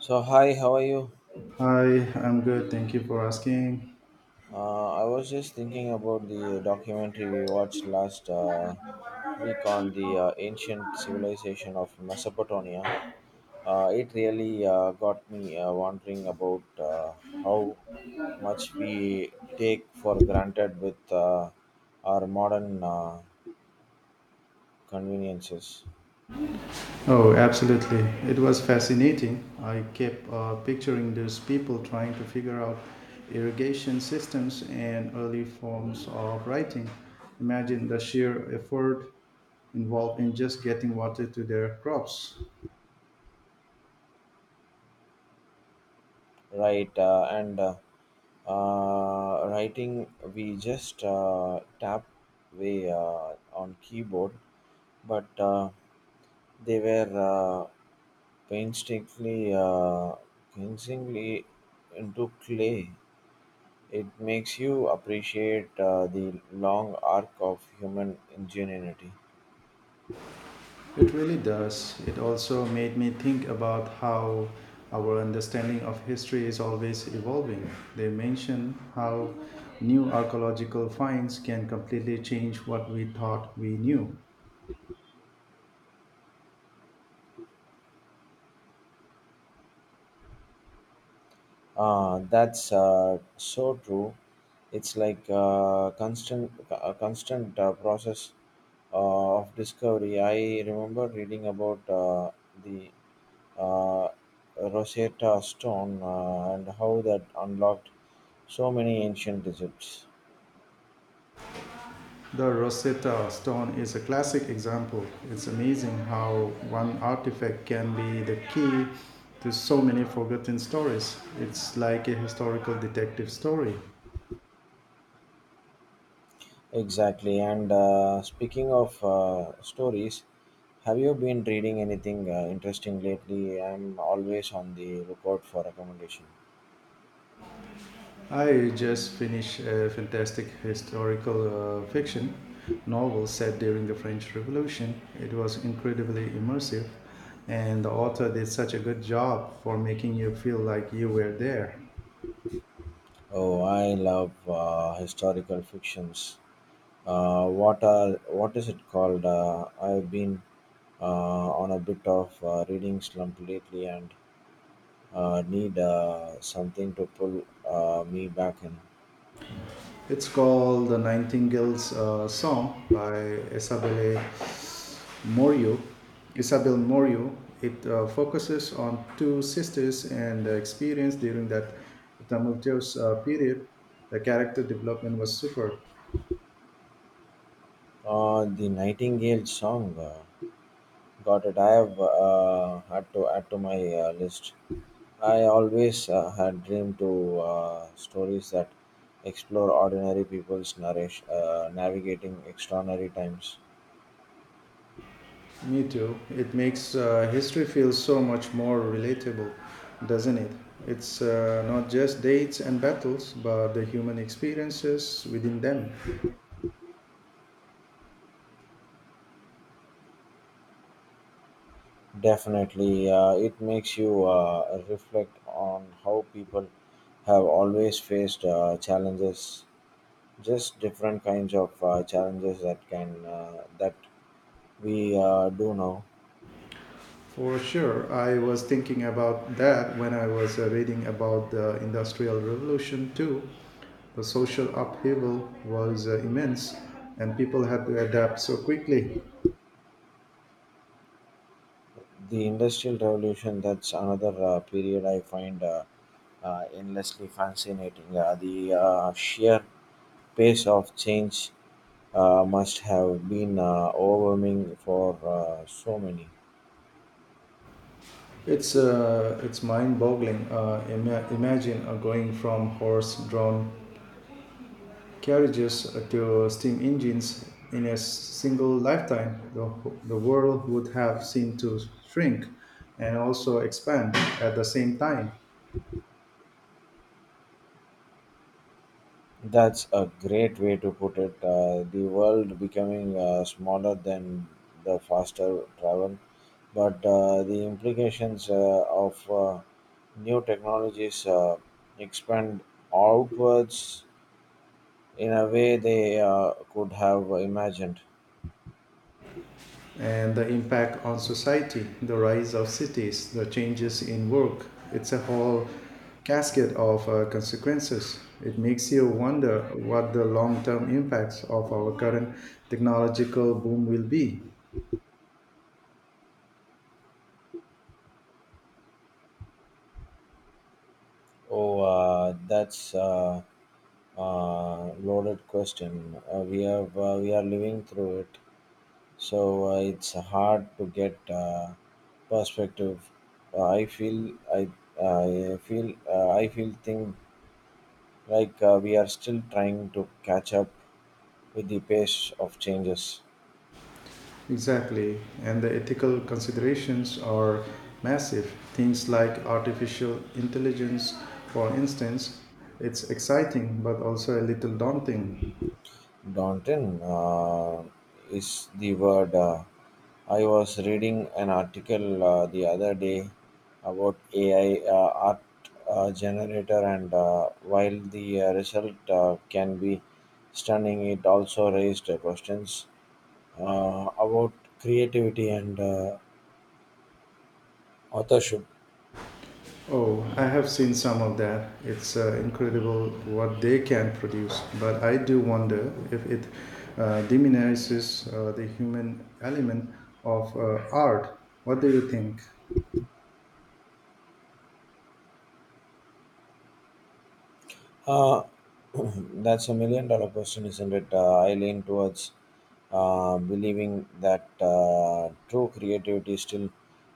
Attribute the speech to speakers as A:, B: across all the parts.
A: So hi, how are you?
B: Hi, I'm good. Thank you for asking.
A: I was just thinking about the documentary we watched last week on the ancient civilization of Mesopotamia. It really got me wondering about how much we take for granted with our modern conveniences,
B: Oh, absolutely. It was fascinating. I kept picturing those people trying to figure out irrigation systems and early forms of writing. Imagine the sheer effort involved in just getting water to their crops.
A: right? And writing, we just tap way on keyboard but they were painstakingly uh, painstakingly into clay. It makes you appreciate the long arc of human ingenuity.
B: It really does. It also made me think about how our understanding of history is always evolving. They mention how new archaeological finds can completely change what we thought we knew.
A: That's so true. It's like a constant process of discovery. I remember reading about the uh, Rosetta Stone and how that unlocked so many ancient Egypts.
B: The Rosetta Stone is a classic example. It's amazing how one artifact can be the key to so many forgotten stories. It's like a historical detective story.
A: Exactly. And speaking of stories, have you been reading anything interesting lately? I'm always on the lookout for recommendation.
B: I just finished a fantastic historical fiction novel set during the French Revolution. It was incredibly immersive, and the author did such a good job for making you feel like you were there.
A: Oh, I love historical fictions. What is it called? I've been uh, on a bit of reading slump lately, and need something to pull me back in.
B: It's called The Nightingale's Song by Isabelle Morio. Isabel Morio. It focuses on two sisters and their experience during that tumultuous period. The character development was superb.
A: The Nightingale song, got it. I have had to add to my list. I always had dreamed to stories that explore ordinary people's narration, navigating extraordinary times.
B: Me too. It makes history feel so much more relatable, doesn't it? It's not just dates and battles, but the human experiences within them.
A: Definitely, it makes you reflect on how people have always faced challenges, just different kinds of challenges that we do now.
B: For sure, I was thinking about that when I was reading about the Industrial Revolution too. The social upheaval was immense, and people had to adapt so quickly.
A: The industrial revolution, that's another period I find endlessly fascinating. The sheer pace of change must have been overwhelming for so many.
B: It's mind-boggling. Imagine going from horse-drawn carriages to steam engines in a single lifetime. The world would have seemed to shrink and also expand at the same time.
A: That's a great way to put it, the world becoming smaller than the faster travel, but the implications of new technologies expand outwards in a way they could have imagined.
B: And the impact on society, the rise of cities, the changes in work, it's a whole casket of consequences. It makes you wonder what the long term impacts of our current technological boom will be.
A: Oh, that's a loaded question. We are living through it, so it's hard to get perspective. Uh, I feel I I feel thing like we are still trying to catch up with the pace of changes.
B: Exactly, and the ethical considerations are massive. Things like artificial intelligence, for instance, it's exciting but also a little daunting.
A: Daunting is the word. I was reading an article the other day about AI art generator, and while the result can be stunning, it also raised questions about creativity and authorship.
B: Oh, I have seen some of that. It's incredible what they can produce, but I do wonder if it diminishes the human element of art. What do you think?
A: Uh, that's $1,000,000 question, isn't it? I lean towards believing that true creativity still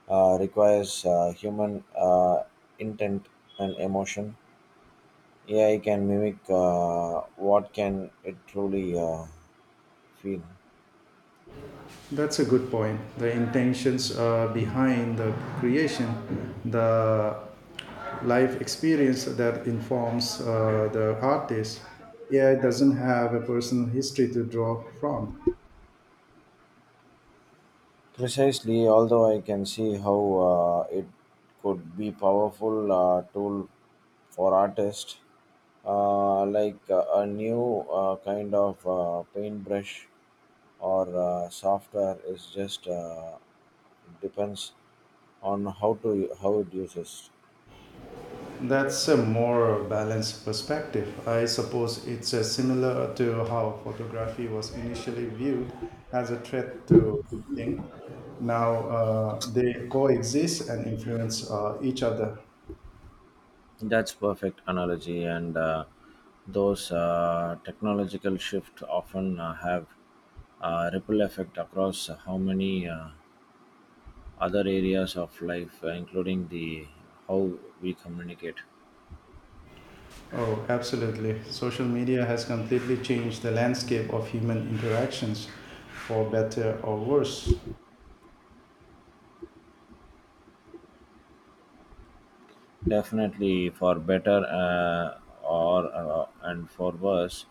A: requires human intent and emotion. AI can mimic, what can it truly feel.
B: That's a good point. The intentions behind the creation, the life experience that informs the artist. AI doesn't have a personal history to draw from.
A: Precisely, although I can see how it could be powerful tool for artists, a new kind of paintbrush or software. Is just depends on how it uses.
B: That's a more balanced perspective. I suppose it's similar to how photography was initially viewed as a threat to painting. Now they coexist and influence each other.
A: That's perfect analogy, and those technological shift often have a ripple effect across how many. Other areas of life, including the how we communicate.
B: Oh, absolutely. Social media has completely changed the landscape of human interactions for better or worse.
A: Definitely, for better or and for worse,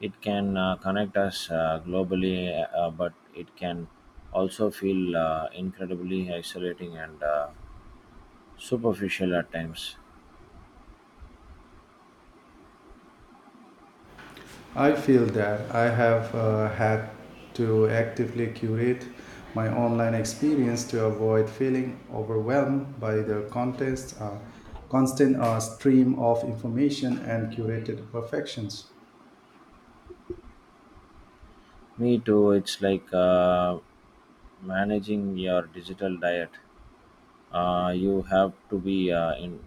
A: it can connect us globally, but it can also feel incredibly isolating and superficial at times.
B: I feel that I have had to actively curate my online experience to avoid feeling overwhelmed by the constant stream of information and curated perfections.
A: Me too. It's like managing your digital diet. You have to be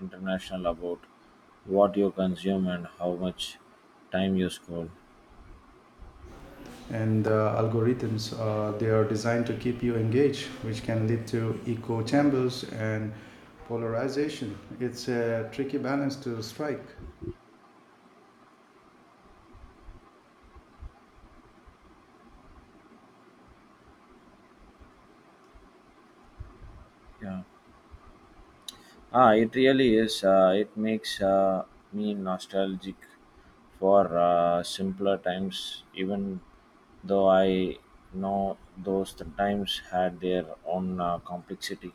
A: international about what you consume and how much time you scroll.
B: And the algorithms, they are designed to keep you engaged, which can lead to echo chambers and polarization. It's a tricky balance to strike.
A: Yeah. Ah, it really is. It makes me nostalgic for simpler times, even though I know those times had their own complexity.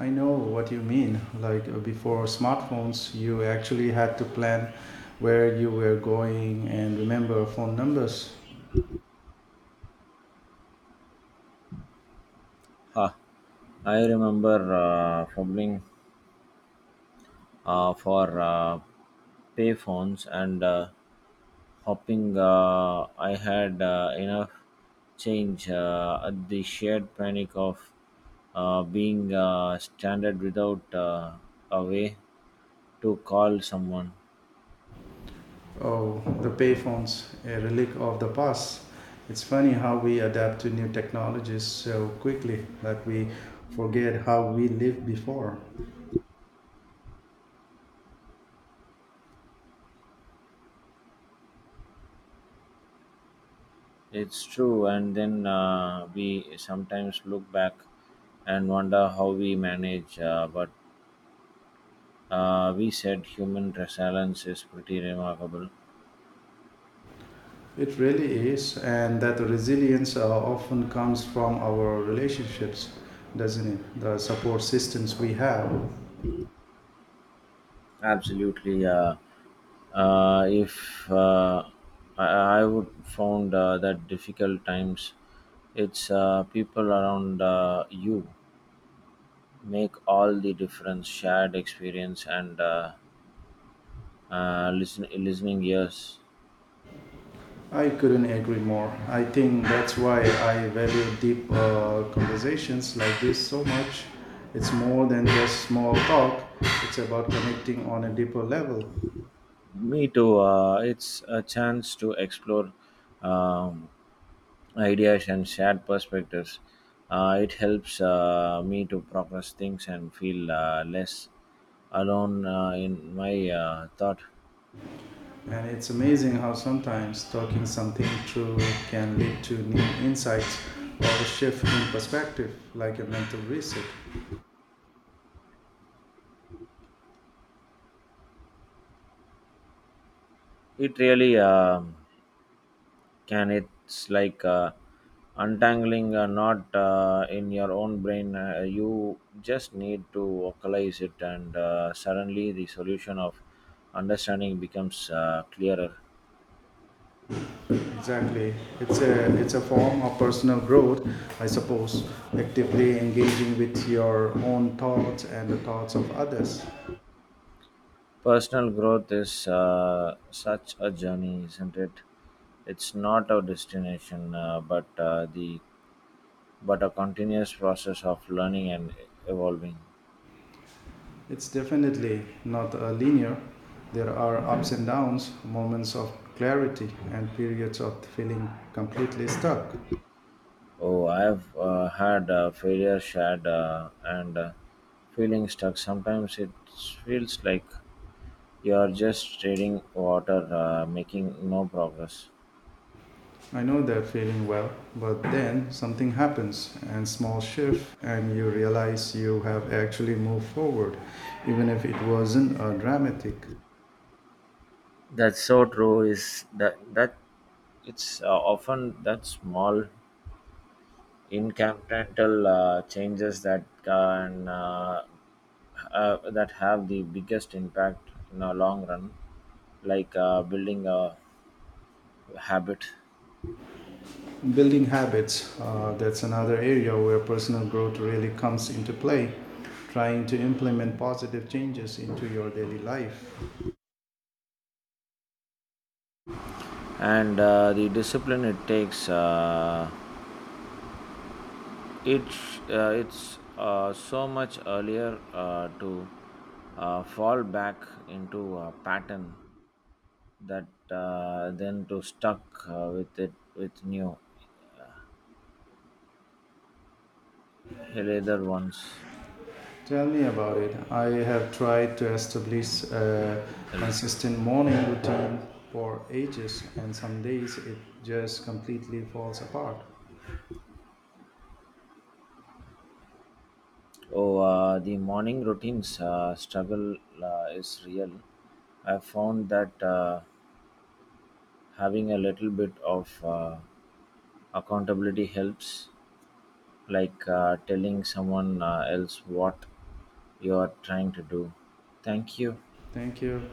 B: I know what you mean. Like before smartphones, you actually had to plan where you were going and remember phone numbers.
A: Huh. I remember fumbling for payphones and hopping. I had enough change at the shared panic of being stranded without a way to call someone.
B: Oh, the payphones, a relic of the past. It's funny how we adapt to new technologies so quickly that we forget how we lived before.
A: It's true, and then we sometimes look back and wonder how we manage, but we said human resilience is pretty remarkable.
B: It really is, and that resilience often comes from our relationships, doesn't it? The support systems we have.
A: Absolutely. If I, I would found that difficult times, it's people around you make all the difference. Shared experience and listening ears.
B: I couldn't agree more. I think that's why I value deep conversations like this so much. It's more than just small talk, it's about connecting on a deeper level.
A: Me too. It's a chance to explore um, ideas and shared perspectives. It helps me to progress things and feel less alone in my thought.
B: And it's amazing how sometimes talking something through can lead to new insights or a shift in perspective, like a mental reset.
A: It really can. It's like untangling a knot in your own brain. You just need to vocalize it, and suddenly the solution of understanding becomes clearer.
B: Exactly. It's a form of personal growth, I suppose, actively engaging with your own thoughts and the thoughts of others.
A: Personal growth is such a journey, isn't it? It's not a destination, but the but a continuous process of learning and evolving.
B: It's definitely not linear. There are ups and downs, moments of clarity, and periods of feeling completely stuck.
A: Oh, I've had failure shared and feeling stuck. Sometimes it feels like you're just treading water, making no progress.
B: I know that feeling well, but then something happens and small shift and you realize you have actually moved forward even if it wasn't dramatic.
A: That's so true. Is that that it's often that small incremental changes that have the biggest impact in the long run, like building a habit.
B: Building habits, that's another area where personal growth really comes into play, trying to implement positive changes into your daily life.
A: And the discipline it takes. It it's so much earlier to fall back into a pattern that then to stuck with it with new healthier ones.
B: Tell me about it. I have tried to establish a
A: Health-
B: consistent morning routine for ages, and some days it just completely falls apart.
A: Oh, the morning routines struggle is real. I found that having a little bit of accountability helps, like telling someone else what you are trying to do. Thank you.
B: Thank you.